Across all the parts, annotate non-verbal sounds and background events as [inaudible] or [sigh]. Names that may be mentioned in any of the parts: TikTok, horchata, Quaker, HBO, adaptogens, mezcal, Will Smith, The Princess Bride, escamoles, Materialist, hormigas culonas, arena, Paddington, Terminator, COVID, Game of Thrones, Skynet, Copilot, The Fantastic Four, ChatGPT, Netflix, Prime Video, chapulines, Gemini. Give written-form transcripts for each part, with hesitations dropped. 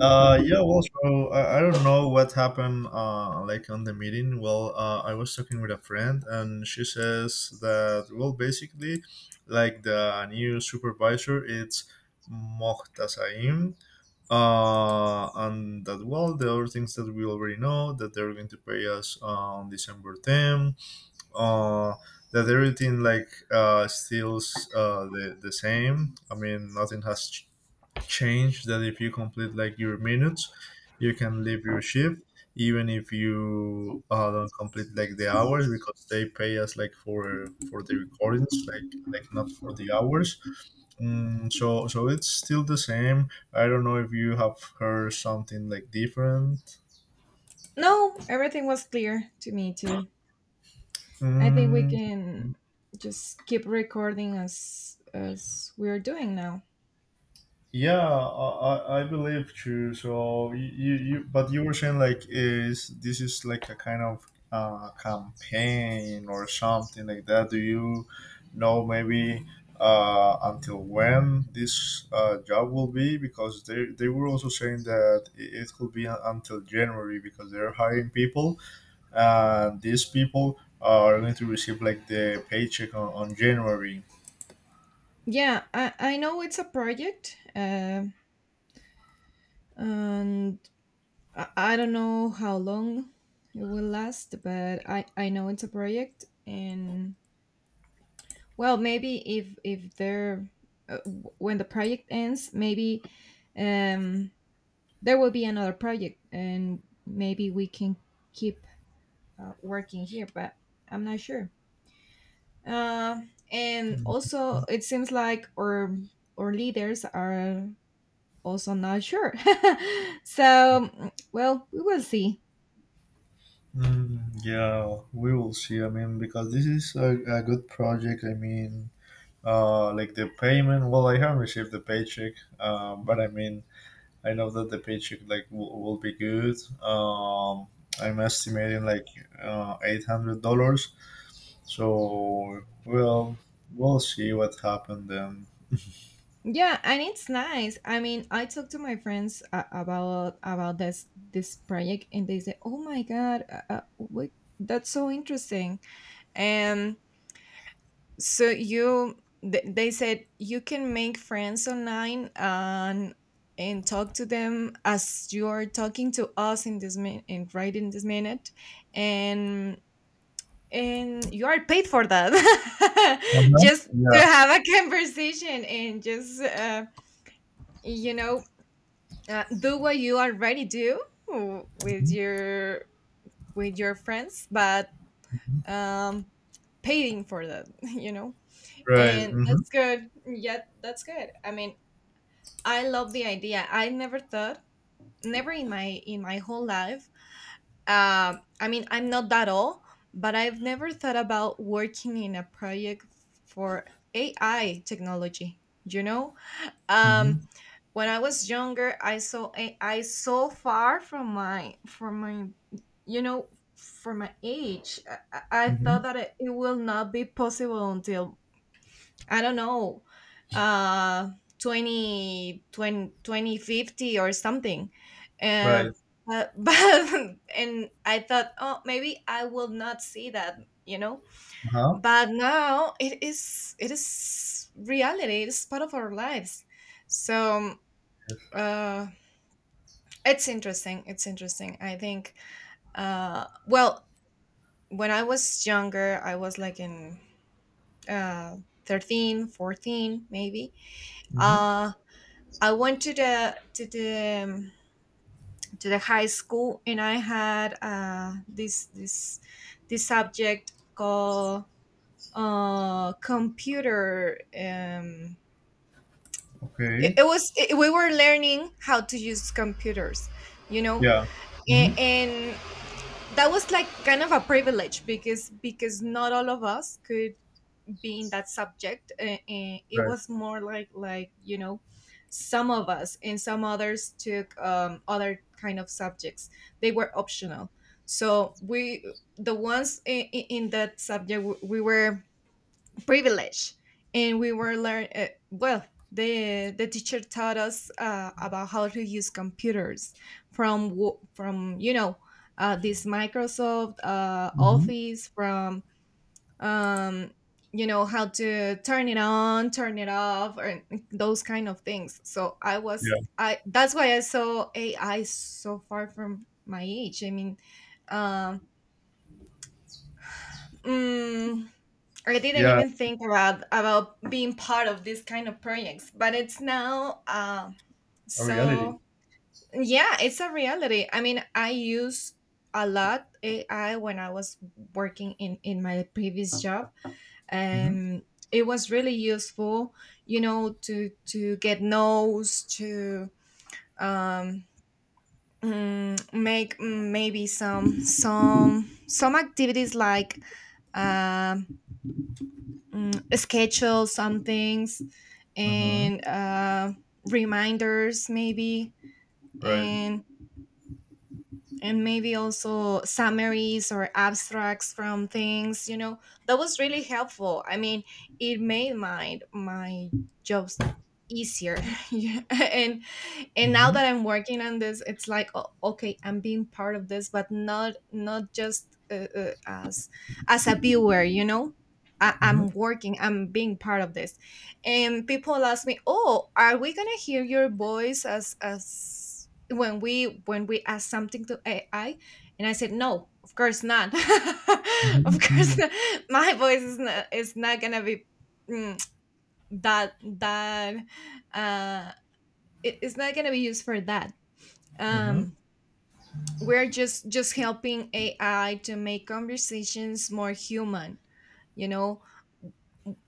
So I don't know what happened, like on the meeting. I was talking with a friend, and she says that, basically, like the new supervisor, it's Mohtasaim. And that, well, the other things that we already know, that they're going to pay us on December 10, uh, that everything like stills the same. I mean, nothing has change, that if you complete like your minutes, you can leave your shift even if you don't complete like the hours, because they pay us like for the recordings, like not for the hours. So it's still the same. I don't know if you have heard something like different. No, everything was clear to me too. I think we Mm. can just keep recording as we're doing now. Yeah, I believe too. So you but you were saying like, is this is like a kind of campaign or something like that? Do you know maybe until when this job will be? Because they were also saying that it could be until January, because they're hiring people, and these people are going to receive like the paycheck on January. Yeah, I know it's a project, and I don't know how long it will last, but I know it's a project, and well, maybe if there when the project ends, maybe um there will be another project, and maybe we can keep working here, but I'm not sure. Uh, and also, it seems like our leaders are also not sure. [laughs] so, well, we will see. Mm, yeah, we will see. I mean, because this is a good project. I mean, like the payment. Well, I haven't received the paycheck, but I mean, I know that the paycheck like will be good. I'm estimating like $800. So, well, we'll see what happened then. Yeah, and it's nice. I mean, I talked to my friends about this project, and they say, "Oh my god, what? That's so interesting." And So you, they said you can make friends online and talk to them as you are talking to us in this min- and right in this minute, and and you are paid for that. [laughs] Uh-huh. Just Yeah. to have a conversation and just you know do what you already do with Mhm, your friends, but mhm. um, paying for that. [laughs] You know. Right. And Mm-hmm. that's good. Yeah, that's good. I mean, I love the idea. I never thought, never in my whole life. I mean, I'm not that old, but I've never thought about working in a project for AI technology. You know, um, Mm-hmm. when I was younger, I saw AI so far from my you know for my age. I Mm-hmm. thought that it will not be possible until I don't know, uh, 20, twenty, 2050 or something. Uh, Right. [laughs] But and I thought, oh, maybe I will not see that, you know. Uh huh. But now it is reality. It is part of our lives. So Yes. uh, it's interesting. It's interesting, I think. Well, when I was younger, I was like in uh, 13, 14, maybe. Mm-hmm. Uh, I went to the to the to the high school, and I had this subject called computer. Okay. We were learning how to use computers, you know, Yeah. Mm-hmm. and that was like kind of a privilege because not all of us could being that subject it Right. was more like you know some of us and some others took other kind of subjects. They were optional, so we the ones in that subject we were privileged, and we were learn well the teacher taught us about how to use computers from from you know this Microsoft Mhm. Office. From um you know how to turn it on, turn it off, or those kind of things. So I was Yeah. I that's why I saw AI so far from my age. I mean, um mm, I didn't Yeah, even think about being part of this kind of projects, but it's now. A reality. so yeah, it's a reality. I mean, I use a lot AI when I was working in my previous job, Mhm. and it was really useful, you know, to get notes, to um make maybe some some activities like um schedule some things, Mhm. and reminders maybe, Right. and and maybe also summaries or abstracts from things, you know. That was really helpful. I mean, it made my jobs easier. [laughs] Yeah. And now Mhm. that I'm working on this, it's like oh, okay, I'm being part of this, but not just as a viewer, you know. Mhm. I'm working, I'm being part of this, and people ask me oh, are we gonna hear your voice as when we ask something to AI, and I said, "No, of course not. [laughs] Of Mhm. course, Mhm. not. My voice is not gonna be mm, that that uh, it- it's not gonna be used for that." Mhm. Um, we're just helping AI to make conversations more human. You know,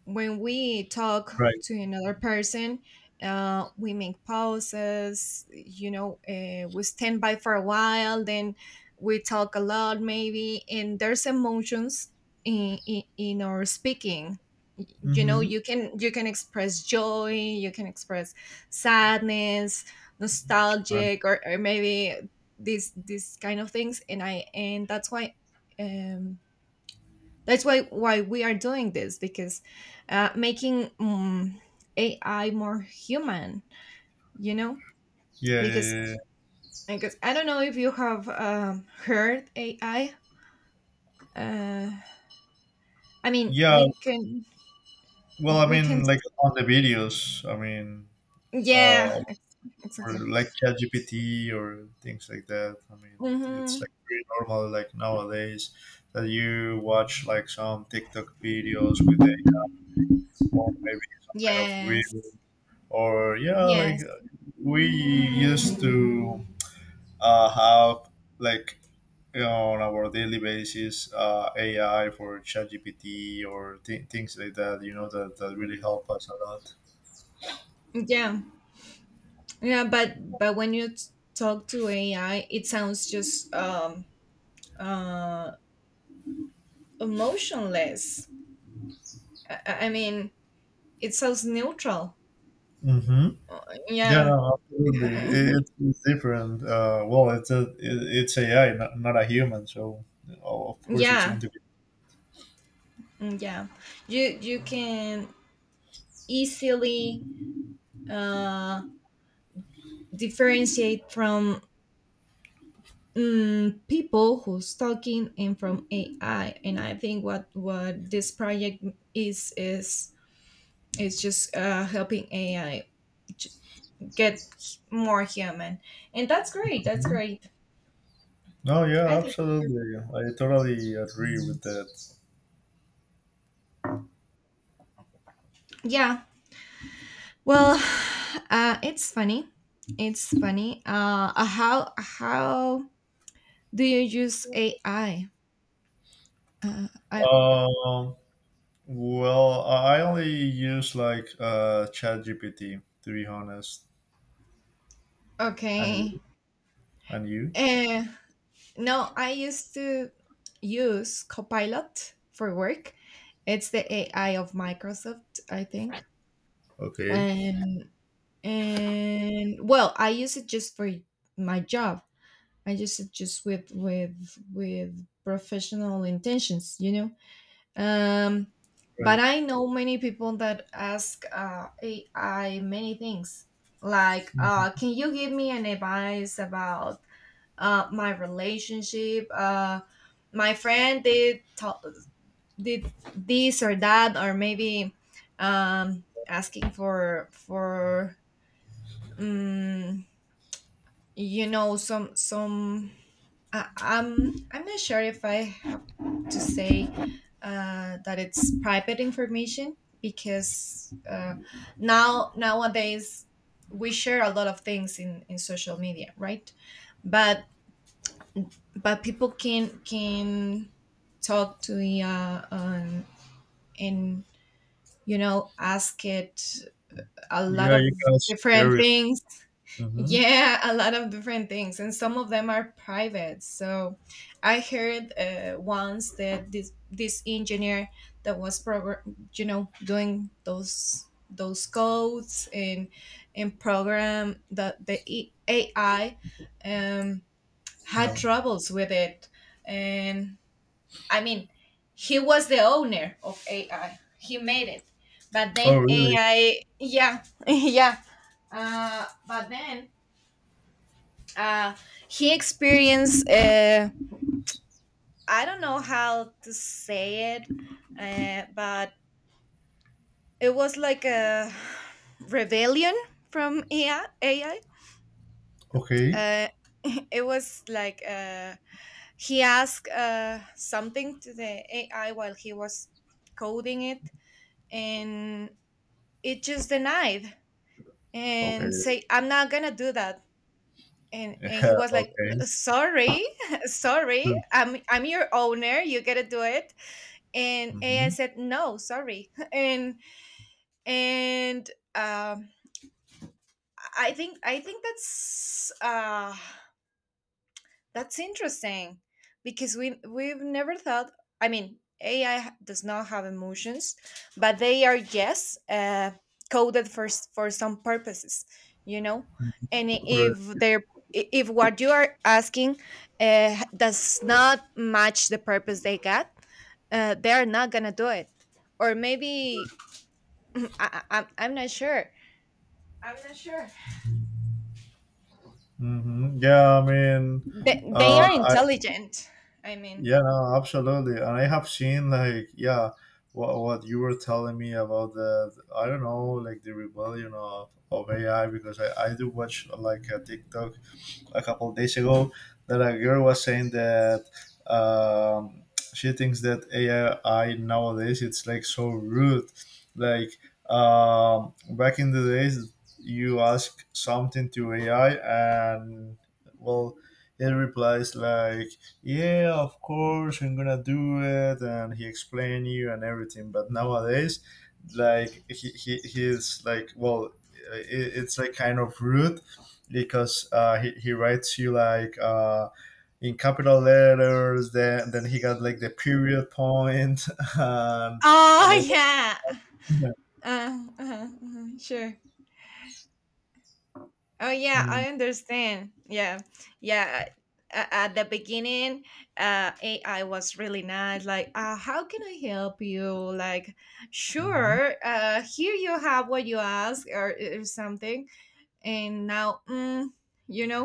when we talk Right. to another person, we make pauses, you know, we stand by for a while, then we talk a lot, maybe, and there's emotions in our speaking. You know, Mhm. You can express joy, you can express sadness, Right. nostalgic, or maybe these kind of things. And I and that's why um that's why we are doing this, because making AI more human, you know, Yeah, because yeah, yeah. because I don't know if you have heard AI. Uh, I mean, Yeah, Yeah, well, I we can mean, like on the videos, I mean, yeah uh, ex- or exactly. like ChatGPT or things like that. I mean, it's Mm-hmm. like pretty normal, like nowadays, that you watch like some TikTok videos with a, or maybe some kind of reel, Yes, or yeah, like yes, we used to have, like you know, on our daily basis AI for ChatGPT or things like that. You know that that really help us a lot. yeah, yeah. But when you talk to AI, it sounds just uh emotionless. I mean, it sounds neutral. Mm-hmm. Yeah, Yeah. no, absolutely. It, [laughs] it's it's different. Well, it's AI, not, not a human, so of course it's going Yeah. to be. Mm. Yeah. You can easily uh differentiate from people who's talking and from AI. And I think what this project is is just helping AI j- get more human. And that's great. That's Mhm. great. No, yeah, I think it's good. absolutely. I totally agree with that. Yeah. Well, [sighs] it's funny. It's funny. How Do you use AI? I Um, well, I only use like ChatGPT, to be honest, and Okay. you, and you. Uh, no, I used to use Copilot for work. It's the AI of Microsoft, I think. Okay, And and well, I use it just for my job. I use it just with with professional intentions, you know. Um, but right. I know many people that ask AI many things, like, Mhm. "Can you give me an advice about my relationship? My friend did did this or that, or maybe asking for um, you know some some." I'm not sure if I to say that it's private information, because nowadays we share a lot of things in social media, right? But but people can talk to the and you know ask it a lot Yeah, of you can different share it. things. Mm-hmm. Yeah, a lot of different things, and some of them are private. So, I heard once that this engineer that was program, you know, doing those codes and program AI, um, Yeah. had troubles with it, and I mean, he was the owner of AI. He made it, but Oh, then really? AI, yeah, [laughs] yeah. But then uh he experienced I don't know how to say it. But it was like a rebellion from AI. Okay. Uh, it was like He asked something to the AI while he was coding it, and it just denied Okay. and [laughs] say I'm not gonna do that. And he Yeah. was like Okay. sorry, [laughs] sorry, I'm your owner, you gotta do it. And AI Mm-hmm. said no, sorry, [laughs] and um, I think that's interesting because we've never thought. I mean, AI does not have emotions, but they are yes coded for for some purposes, you know. And Right. if they're if what you are asking does not match the purpose they got, they are not gonna do it, or maybe [laughs] I'm not sure. I'm not sure. Mm-hmm. Yeah. I mean, They are I intelligent. I mean. yeah, no, absolutely. And I have seen like yeah, what you were telling me about the, I don't know, like the rebellion of AI, because I do watch like a TikTok a couple of days ago, that a girl was saying that um, she thinks that AI nowadays it's like so rude. Like back in the days, you ask something to AI and well, it replies like, "Yeah, of course, I'm gonna do it," and he explain you and everything. But nowadays, like he's like, well, it, it's like kind of rude, because he writes you like in capital letters, then he got like the period point [laughs] and and Oh it, yeah. Sure. Oh yeah, mm, I understand. Yeah, yeah. At the beginning, AI was really nice. Like, how can I help you? Like, mhm. sure. Here you have what you ask, or something. And now you know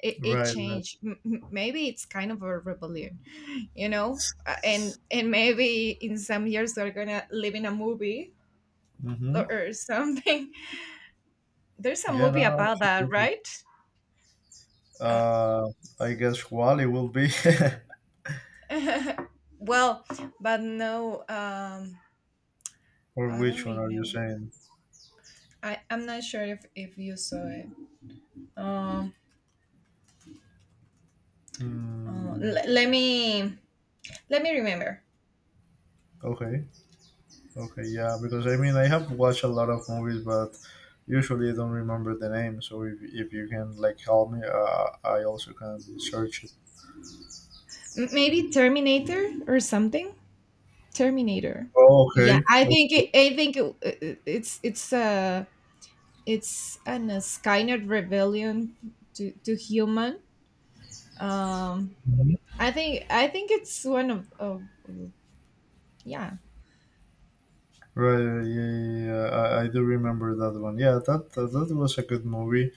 it, [laughs] it Right, right. changed. Maybe it's kind of a rebellion, you know. And maybe in some years they're gonna live in a movie Hmm. Or something. [laughs] There's a Yeah, movie no, about that, absolutely. right? uh, uh I guess Wally will be [laughs] well, but no. [laughs] Or I don't which one are you remember. saying. I'm not sure if you saw it. um Hmm. Let me let me remember. Okay, okay, yeah, because I mean, I have watched a lot of movies, but usually I don't remember the name, so if you can like help me I also can search it. M- maybe Terminator or something. Terminator. Oh, Yeah, okay. I think Okay. It's it's an a Skynet rebellion to human. Um, Mhm. I think it's one of yeah. Right. Yeah, yeah, yeah. I do remember that one. Yeah, that that, that was a good movie.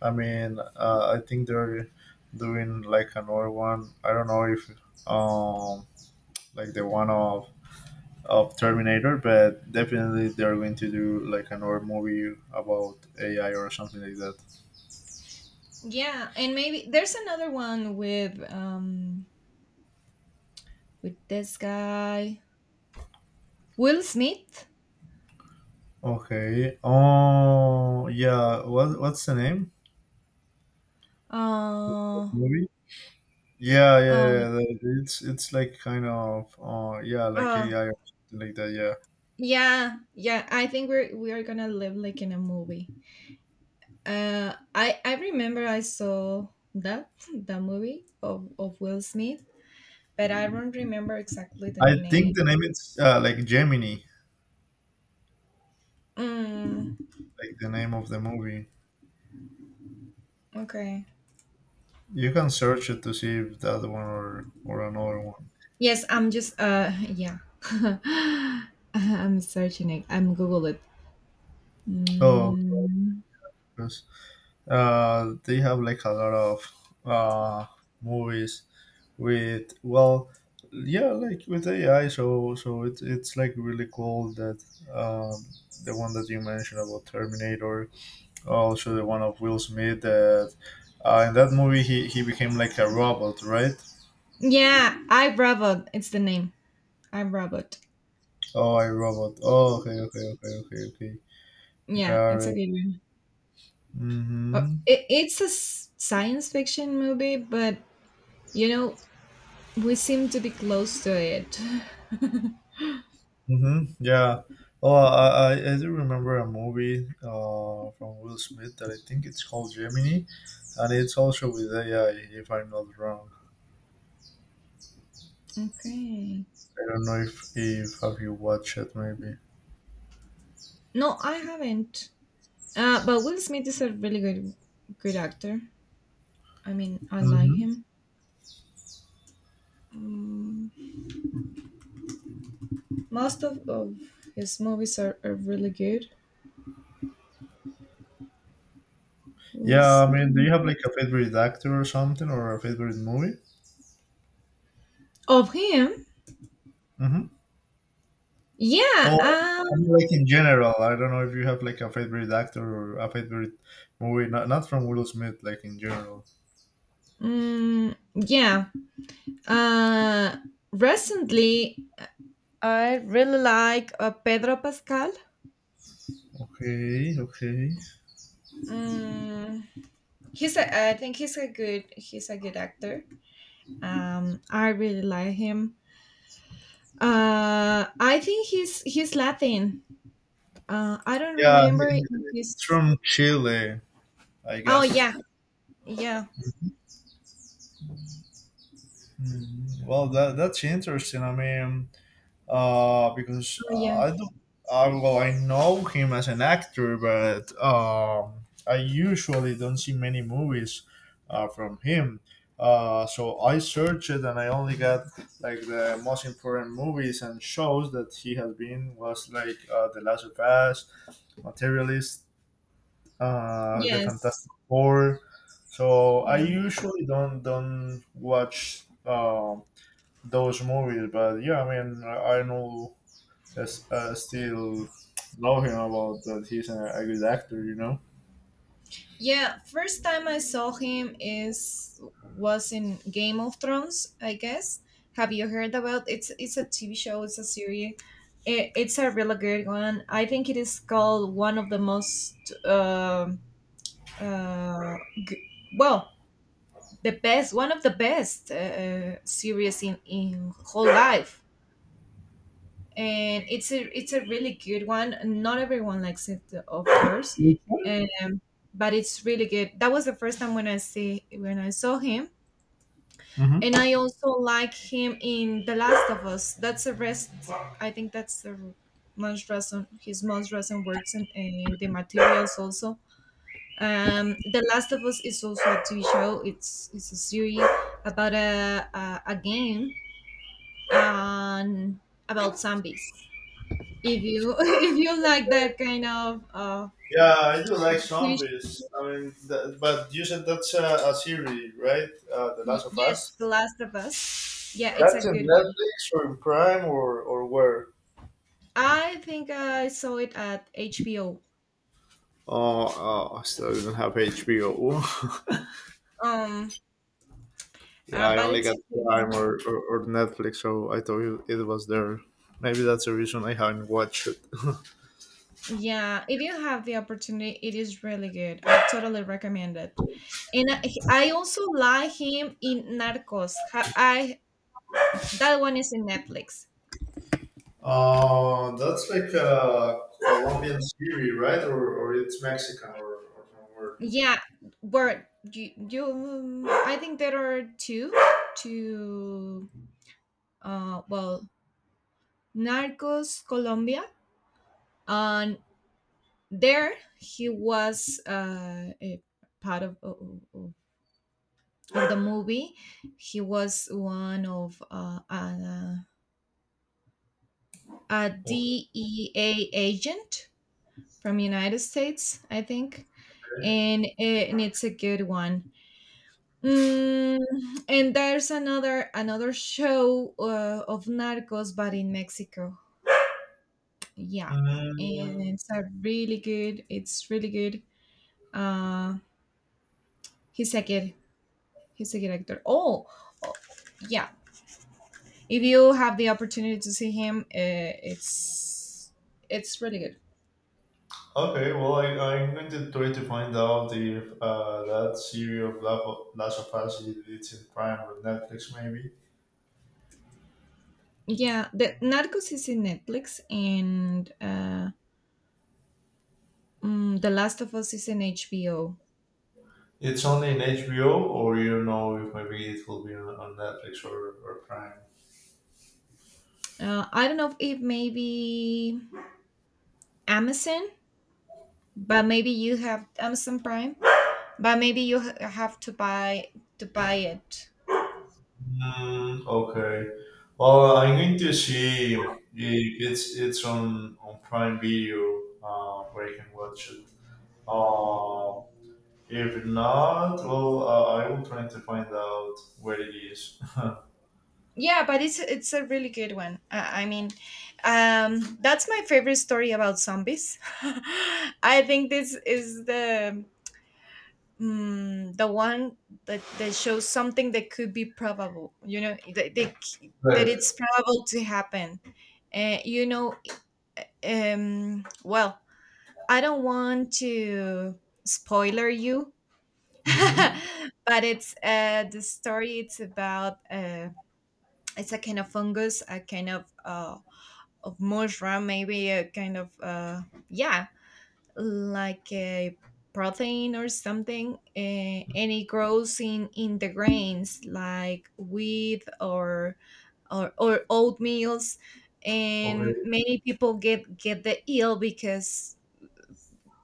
I mean, I think they're doing like another one. I don't know if um, like the one of Terminator, but definitely they're going to do like another movie about AI or something like that. Yeah, and maybe there's another one with this guy Will Smith. Okay. Oh, yeah. What what's the name? Uh, Movie. Yeah, yeah, uh, yeah. Yeah. It's like kind of uh, yeah, like uh AI or something like that. Yeah, yeah, yeah. I think we are gonna live like in a movie. I remember I saw that that movie of Will Smith, but I don't remember exactly the I name. think the name is like Gemini, Mm, like the name of the movie. okay. You can search it to see if that one or another one. Yes, I'm just yeah. [laughs] I'm searching it. I'm Google it. Oh, so, Mm, 'cause, they have like a lot of uh movies with, well, yeah, like with AI. So so it's like really cool that um, the one that you mentioned about Terminator, also the one of Will Smith, that in that movie he became like a robot, right? yeah, I Robot. It's the name. I Robot. Oh, a robot. Oh, okay, okay, okay, okay, okay. Yeah, Got it's a it. good one. Oh, Mm-hmm. It's a science fiction movie, but you know we seem to be close to it. Mm-hmm. Yeah. Oh, I do remember a movie from Will Smith that I think it's called Gemini, and it's also with AI, if I'm not wrong. [laughs] Okay. I don't know if have you watched it, maybe. No, I haven't. But Will Smith is a really good, good actor. I mean, I like Mm-hmm. him. Mm, most of his movies are really good. Will Yeah, I mean, do Smith. you have like a favorite actor or something, or a favorite movie? Of him? Mm-hmm. Yeah. Well, I'm like in general. I don't know if you have like a favorite actor or a favorite movie. Not not from Will Smith. Like in general. Mm, yeah. Uh. Recently, I really like Pedro Pascal. Okay. Okay. Mm, he's a. I think he's a good. He's a good actor. I really like him. I think he's Latin. I don't Yeah, remember if it's he's. from Chile, I Oh guess. yeah, yeah. Mm, well, that that's interesting. I mean, because Oh yeah. I do, well, I know him as an actor, but I usually don't see many movies from him. So I searched and I only got like the most important movies and shows that he has been, was like The Last of Us, Materialist, The Yes. Fantastic Four. So I Yeah. usually don't watch those movies, but yeah, I mean, I know, just still know him about that, he's a good actor, you know. Yeah. First time I saw him is was in Game of Thrones, I guess. Have you heard about? It's a TV show. It's a series. It's a really good one. I think it is called one of the most. um uh, g- well, the best one of the best series in whole life, and it's a really good one. Not everyone likes it, of course, and, but it's really good. That was the first time when I see when I saw him. And Hmm. I also like him in The Last of Us. That's the rest. I think that's the most recent, his most recent works. And the materials also. The Last of Us is also a TV show. It's a series about a game, and about zombies. If you [laughs] if you like that kind of Yeah, I do uh like of TV sh- zombies. I mean, that, but you said that's a series, right? The y- Last of yes, The Us. Last of Us. Yeah, it's a That's in good one. Netflix or in Prime or where? I think I saw it at HBO. Oh, oh, I still don't have HBO. [laughs] Um, Yeah, I but only it's got a good Prime one. Or Netflix, so I thought it it was there. Maybe that's the reason I haven't watched it. [laughs] Yeah, if you have the opportunity, it is really good. I totally recommend it. And I, I also like him in Narcos. Ha- I That one is in Netflix. That's like a Colombian series, right? Or it's Mexican or from where? Yeah, but you I think there are two, uh, well, Narcos Colombia, and there he was a part of the movie. He was one of a, Okay. D E a DEA agent from United States, I think, and it's a good one. Mm, and there's another show of Narcos, but in Mexico. Yeah, and Mm, it's a really good. It's really good. Uh, he's a good. He's a good actor. Oh, oh, yeah. If you have the opportunity to see him, it's really good. okay, well, I, I'm going to try to find out if that series of Last of Us is, it's in Prime or Netflix, maybe. Yeah, the Narcos is in Netflix, and The Last of Us is in HBO. It's only in HBO, or you know if maybe it will be on Netflix or Prime. I don't know if maybe Amazon, but maybe you have Amazon Prime, but maybe you have to buy it. Mm, okay. Well, I'm going to see if it's it's on Prime Video, where you can watch it. Uh, if not, well, I will try to find out where it is. [laughs] Yeah, but it's a really good one. I mean, that's my favorite story about zombies. [laughs] I think this is the the one that shows something that could be probable. You know, that, they, that Right. it's probable to happen. You know, um, well, I don't want to spoiler you. [laughs] Mm-hmm. But it's the story. It's about it's a kind of fungus, a kind of mushroom, maybe a kind of yeah, like a protein or something, and it grows in the grains like wheat or oatmeals, and Okay. many people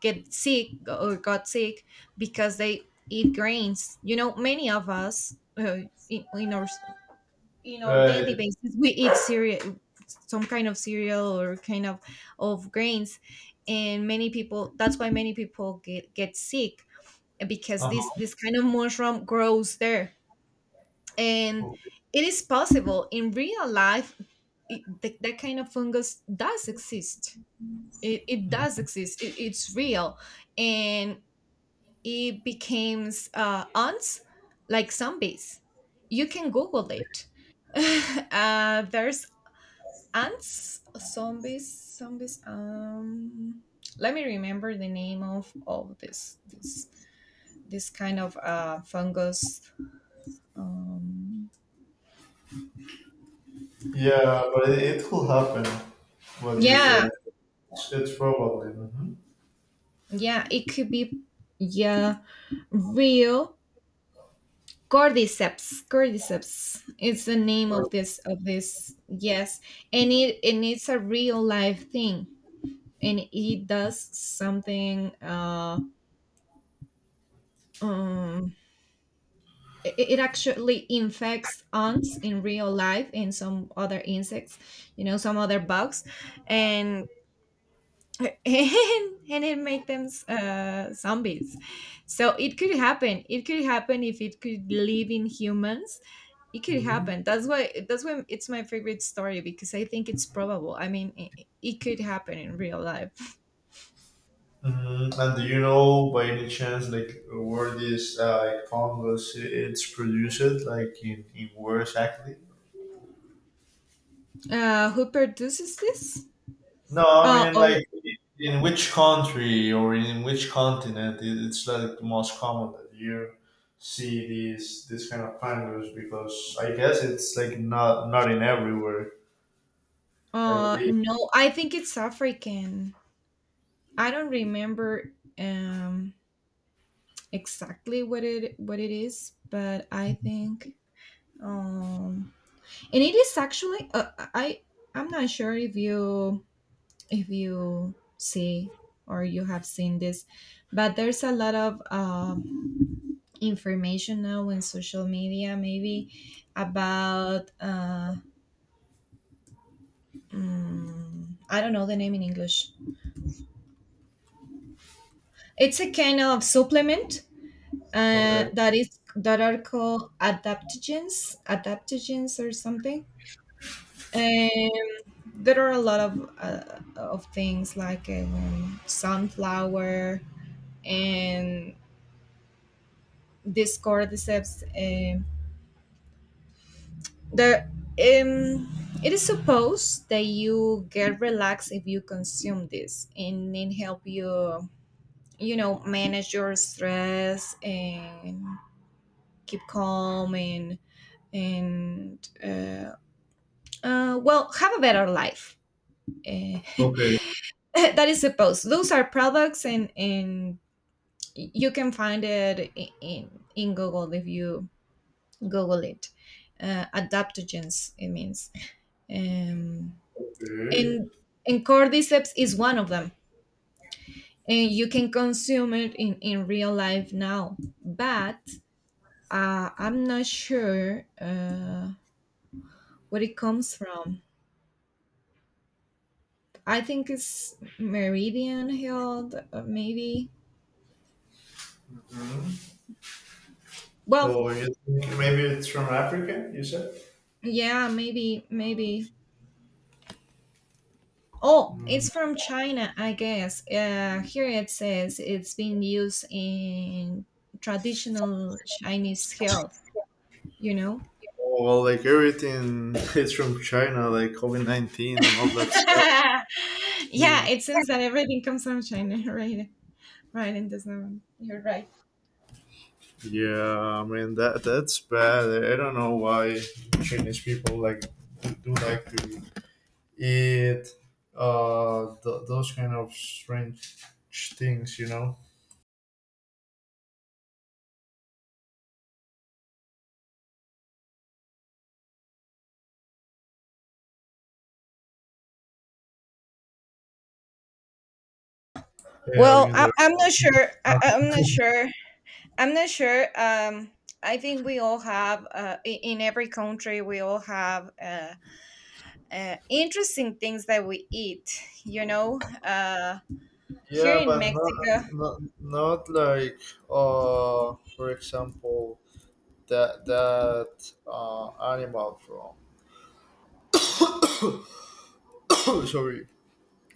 get sick or got sick because they eat grains. You know, many of us in, in our in our Right. daily basis we eat cereal, some kind of cereal or kind of grains, and many people. That's why many people get sick because this Uh-huh. this kind of mushroom grows there, and Okay. it is possible in real life. That kind of fungus does exist. It does Mhm. exist. It's real, and it becomes ants like zombies. You can Google it. [laughs] There's ants, zombies, zombies. Let me remember the name of all this kind of fungus. Um, Yeah, but it will happen. What you yeah, said. It's probably. Mm-hmm. yeah, it could be yeah real. Cordyceps. It's the name Right. of this yes. And it's a real life thing, and it does something um it, it actually infects ants in real life and some other insects, you know, some other bugs, and [laughs] and, and it makes them zombies. So it could happen. It could happen if it could live in humans, it could Mhm. happen. That's why it's my favorite story, because I think it's probable. I mean it could happen in real life. Mhm. And do you know, by any chance, like where this like fungus it's produced like in where exactly? Uh, who produces this? No, I mean Or like in which country or in which continent, it's like the most common that you see these, this kind of fungus, because I guess it's like not not in everywhere. I believe. No, I think it's African. I don't remember um exactly what it is, but I think, um and it is actually I I'm not sure if you see or you have seen this, but there's a lot of information now in social media, maybe, about I don't know the name in English. It's a kind of supplement Okay. that is, that are called adaptogens or something. And there are a lot of things like sunflower and this cordyceps. The um, it is supposed that you get relaxed if you consume this, and it help you, you know, manage your stress and keep calm, and and uh, have a better life. Uh, Okay. [laughs] that is supposed. Those are products, and you can find it in in Google if you Google it. Adaptogens, it means um, Okay. and and cordyceps is one of them, and you can consume it in real life now, but I'm not sure where it comes from. I think it's meridian health, maybe. Mhm. Well, So you think maybe it's from Africa? You said. yeah, maybe, maybe. Oh, Mm-hmm. it's from China, I guess. Here it says it's been used in traditional Chinese health, you know. Oh, well, like everything [laughs] is from China, like COVID 19 and all that stuff. [laughs] Hmm. Yeah, it seems that everything comes from China. [laughs] Right? Right in this moment, you're right. Yeah, I mean that that's bad. I don't know why Chinese people like do like to eat uh, those kind of strange things, you know? They are either I'm not sure. [laughs] I'm not sure. I'm not sure. I think we all have, in every country, we all have interesting things that we eat. You know, here yeah, in but not, Mexico, not, not like uh, for example, that that uh, animal from [coughs] sorry,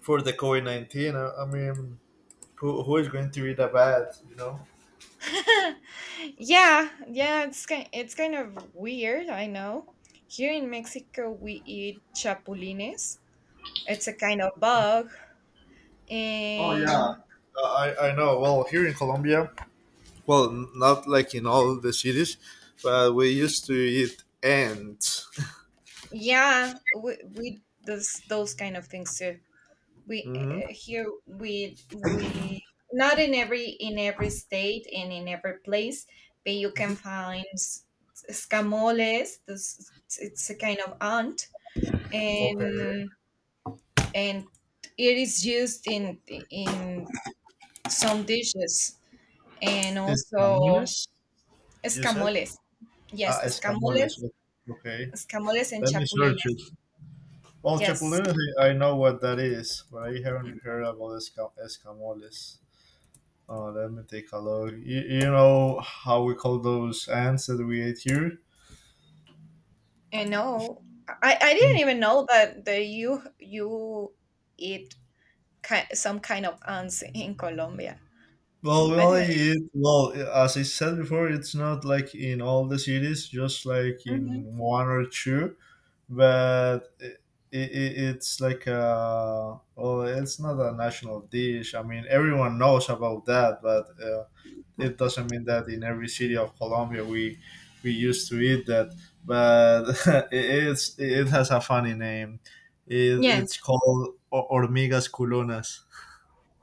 for the COVID 19. I mean, who is going to read about? You know. [laughs] yeah, yeah, it's kind of weird. I know. Here in Mexico, we eat chapulines. It's a kind of bug, Oh yeah, and I know. Well, here in Colombia, well, not like in all the cities, but we used to eat ants. yeah, we those kind of things too. We Hmm. Here we not in every in every state and in every place, but you Hmm. can find escamoles. This it's a kind of ant, Okay. and and it is used in some dishes, and also Escamoles. You said escamoles. ah, Yes, escamoles. escamoles. Okay. Escamoles and Let me search it. chapulines. Well, Yes. chapulines, I know what that is, but I haven't heard about escamoles. Oh, let me take a look. You know how we call those ants that we ate here? I know. I Mm. didn't even know that the you eat some kind of ants in Colombia. Well, we I only didn't. eat, well, as I said before, it's not like in all the cities, just like Even. Mhm. in one or two, but it, it's like a, well, it's not a national dish. I mean, everyone knows about that, but it doesn't mean that in every city of Colombia we used to eat that, but [laughs] it's, it has a funny name. It, Yes. it's called hormigas culonas.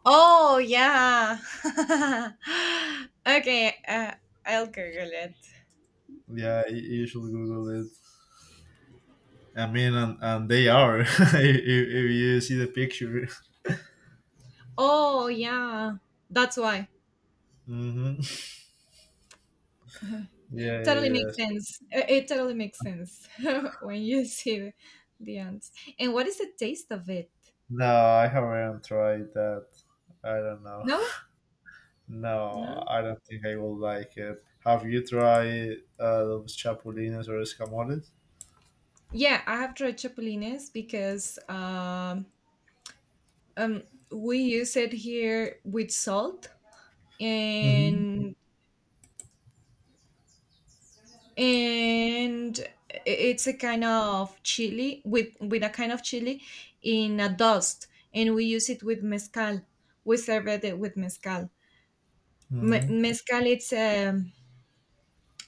Oh yeah. [laughs] Okay. I'll Google it. Yeah, you should Google it. I mean, and they are [laughs] if you see the picture. Oh yeah. That's why. Hmm. Yeah, yeah, Totally makes yes. sense. It totally makes sense [laughs] when you see the ants. And what is the taste of it? No, I haven't tried that. I don't know. No. No, No. I don't think I will like it. Have you tried those chapulines or escamoles? Yeah, I have tried chapulines because um, we use it here with salt, Mhm. and and it's a kind of chili with a kind of chili in a dust, and we use it with mezcal. We serve it with mezcal. Hmm. Mezcal,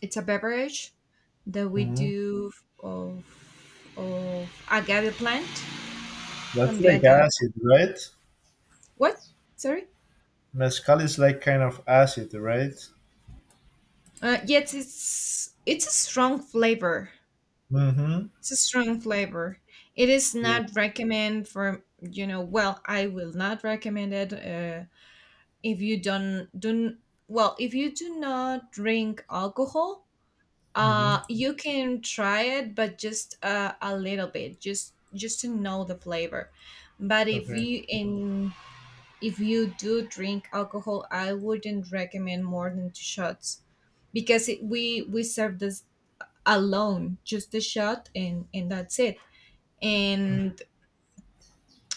it's a beverage that we Hmm. do of of agave plant, That's from the like agave. acid, right? What? Sorry. Mezcal is like kind of acid, right? Yet it's a strong flavor. Mm-hmm. It's a strong flavor. It is Yeah. not recommend for, you know. Well, I will not recommend it if you don't don't. Well, if you do not drink alcohol, Hmm. You can try it, but just a little bit, just to know the flavor. But Okay. If you do drink alcohol, I wouldn't recommend more than two shots, because we serve this alone, just the shot, and that's it. Mm. And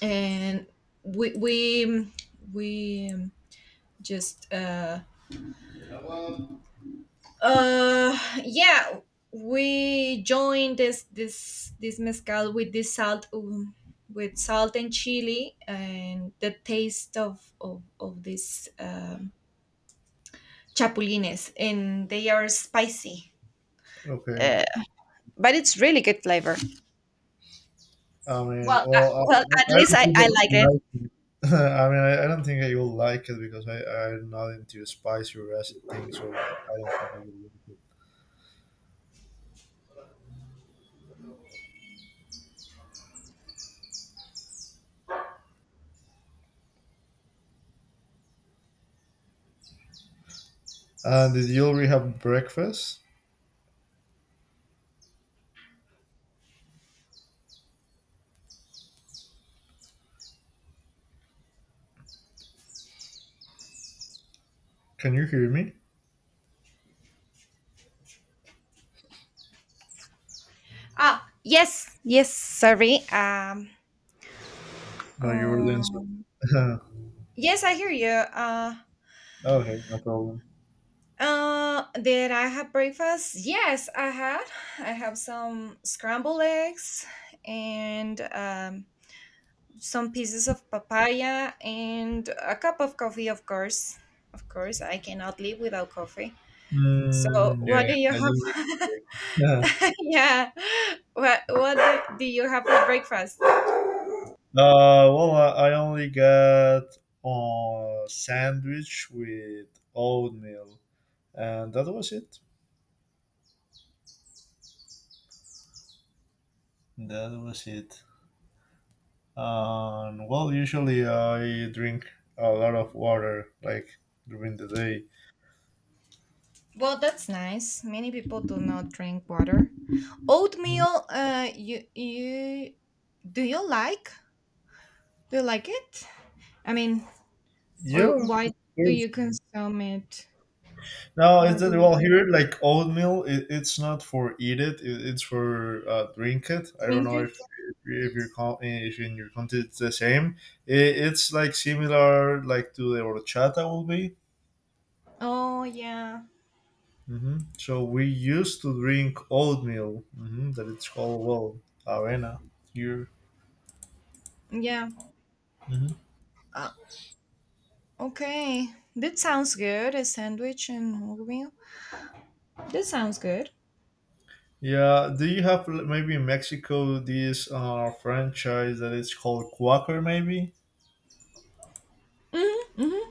and we we we just yeah we joined this mezcal with this salt, with salt and chili, and the taste of this chapulines, and they are spicy. Okay. Uh, but it's really good flavor. I mean, Well, I, well, well, at I, I least don't think i I i like would it. like it. [laughs] I don't think I will like it because I'm not into spicy or acid things, so I don't think I will like it. Did you already have breakfast? Can you hear me? Ah, yes, yes, sorry. [laughs] No, you were doing um, something. yes, I hear you. [laughs] Okay, no problem. Did I have breakfast? Yes, I had. I have some scrambled eggs and some pieces of papaya and a cup of coffee, of course. Of course, I cannot live without coffee. So, Mm, yeah, what do you I didn't have? remember. [laughs] [laughs] Yeah, what do you have for breakfast? Well, I only got a sandwich with oatmeal, and that was it. That was it. And well, usually I drink a lot of water, like during the day. Well, that's nice. Many people do not drink water. Oatmeal, you do you like? Do you like it? I mean, or Yeah, of why do course. you consume it? No, it's Why that do you well here like oatmeal. It's not for eat it. It's for drink it. I don't drink know if it? if if in your country it's the same. It's like similar like to the horchata will be. Oh yeah, Hmm. So we used to drink oatmeal. Hmm, that it's called well arena here. yeah. Hmm. Uh, okay, that sounds good. A sandwich and oatmeal. That sounds good. Yeah. Do you have maybe in Mexico this franchise that is called Quaker maybe? Mm-hmm, mm-hmm.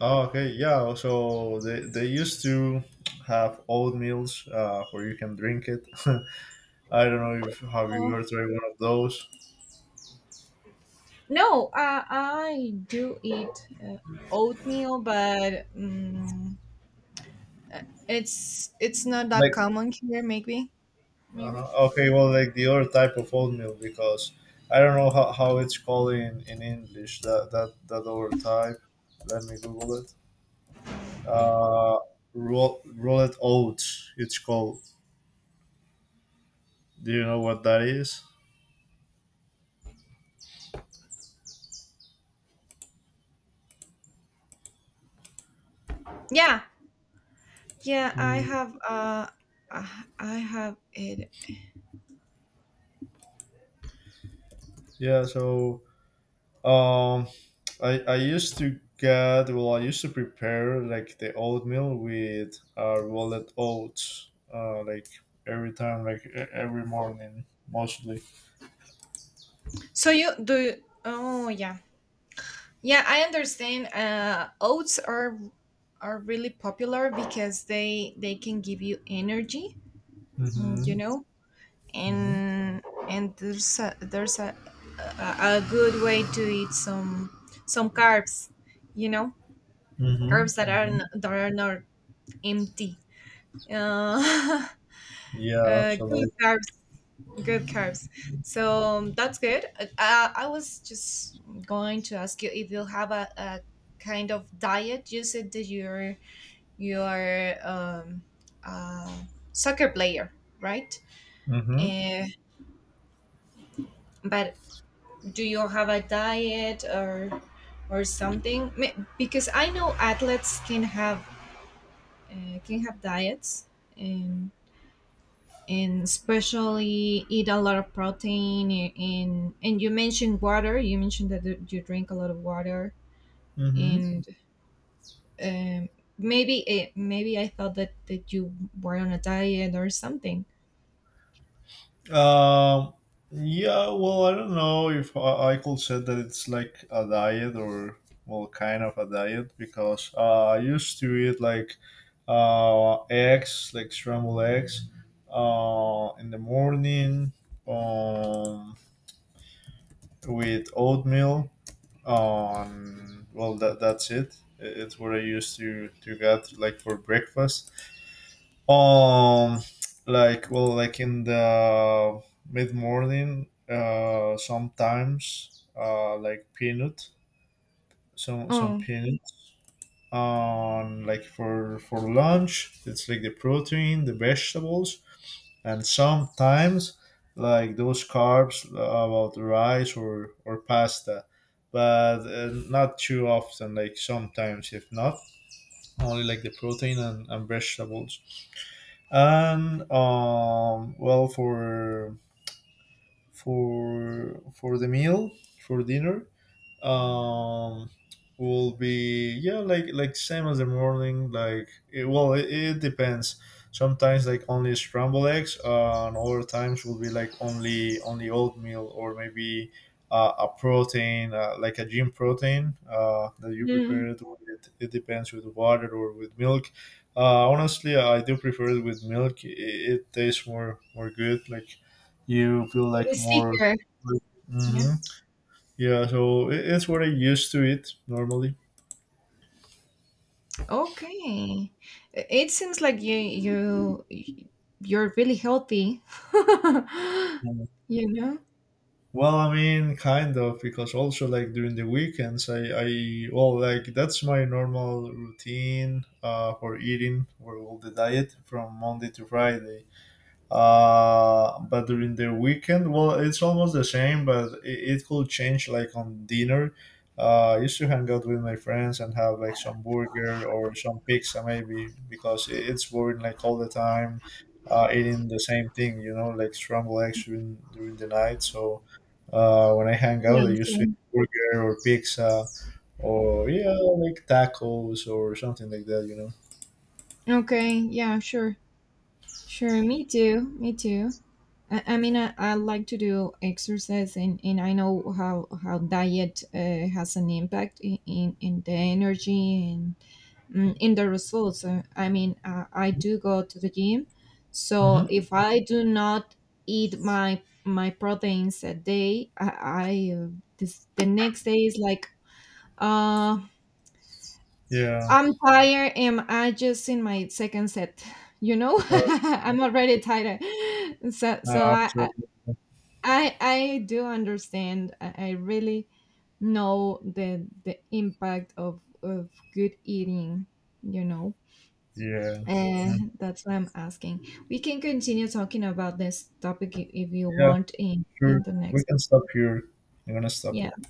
Oh, okay, yeah. So they used to have oatmeals where you can drink it. [laughs] I don't know if have you Oh, ever tried one of those. no, I do eat oatmeal, but. Mm Uh, it's not that Like common here, maybe. Maybe. Okay, well, like the other type of oatmeal because I don't know how it's called in English. That other type. Let me Google it. Uh, Rolled oats. It's called. Do you know what that is? Yeah, yeah. I Mm, have I I have it. yeah. So um, I used to get well I used to prepare like the oatmeal with rolled oats like every time like every morning mostly. So you do. Oh yeah, yeah. I understand. Oats are really popular because they can give you energy. You Mhm. know, Mhm. and and there's a good way to eat some carbs. You know, Mhm. carbs that are Mhm. That are not empty. Uh, [laughs] Yeah, Good absolutely. carbs, good carbs. So that's good. I was just going to ask you if you have a kind of diet. You said that you're a soccer player, right? Mhm. Uh, but do you have a diet or something? Because I know athletes can have diets, and especially eat a lot of protein, and you mentioned water, you mentioned that you drink a lot of water, Mhm. and um, maybe maybe I thought that that you were on a diet or something. Um, yeah, well, I don't know if I could say that it's like a diet or, well, kind of a diet because I used to eat like eggs, like scrambled eggs, in the morning um, with oatmeal. Well, that's it. It's what I used to get like for breakfast um like well like in the mid morning sometimes like peanut some Oh. peanuts on like for lunch. It's like the protein, the vegetables, and sometimes like those carbs about rice or pasta but not too often, like sometimes if not only like the protein and vegetables and well, for the meal for dinner, um will be yeah like same as the morning like it depends. Sometimes like only scrambled eggs and other times will be like only oatmeal or maybe a protein like a gym protein that you prepare Mm, it with. It depends with water or with milk. Honestly, I do prefer it with milk. It tastes more good. Like, you feel the like more. sticker. Yeah. Mhm. Yeah, so it's what I used to eat normally. Okay. I- it seems like you you're really healthy. [laughs] Mm. You know. Well, I mean, kind of, because also like during the weekends, I well, like that's my normal routine for eating, for all the diet from Monday to Friday. But during the weekend well it's almost the same but it could change like on dinner. I used to hang out with my friends and have like some burger or some pizza maybe because it's boring like all the time eating the same thing, you know, like scrambled eggs during the night. So when I hang Yeah, out I used sure. to eat burger or pizza or yeah, like tacos or something like that, you Okay, yeah, sure. Sure, me too. Me too. I mean, I like to do exercise, and I know how diet has an impact in the energy, and in the results. I mean, I do go to the gym, know. so Hmm. if I do not eat my my proteins a day, I this the next day is like, uh, Yeah. I'm tired, and I just in my second set, you know? [laughs] uh, I'm already tired. So Absolutely. I do understand. I really know the impact of good eating, you know. Yeah. Mm. And that's why I'm asking. We can continue talking about this topic if you Yeah, want sure. in the We next. can stop here. I'm gonna stop Yeah. it.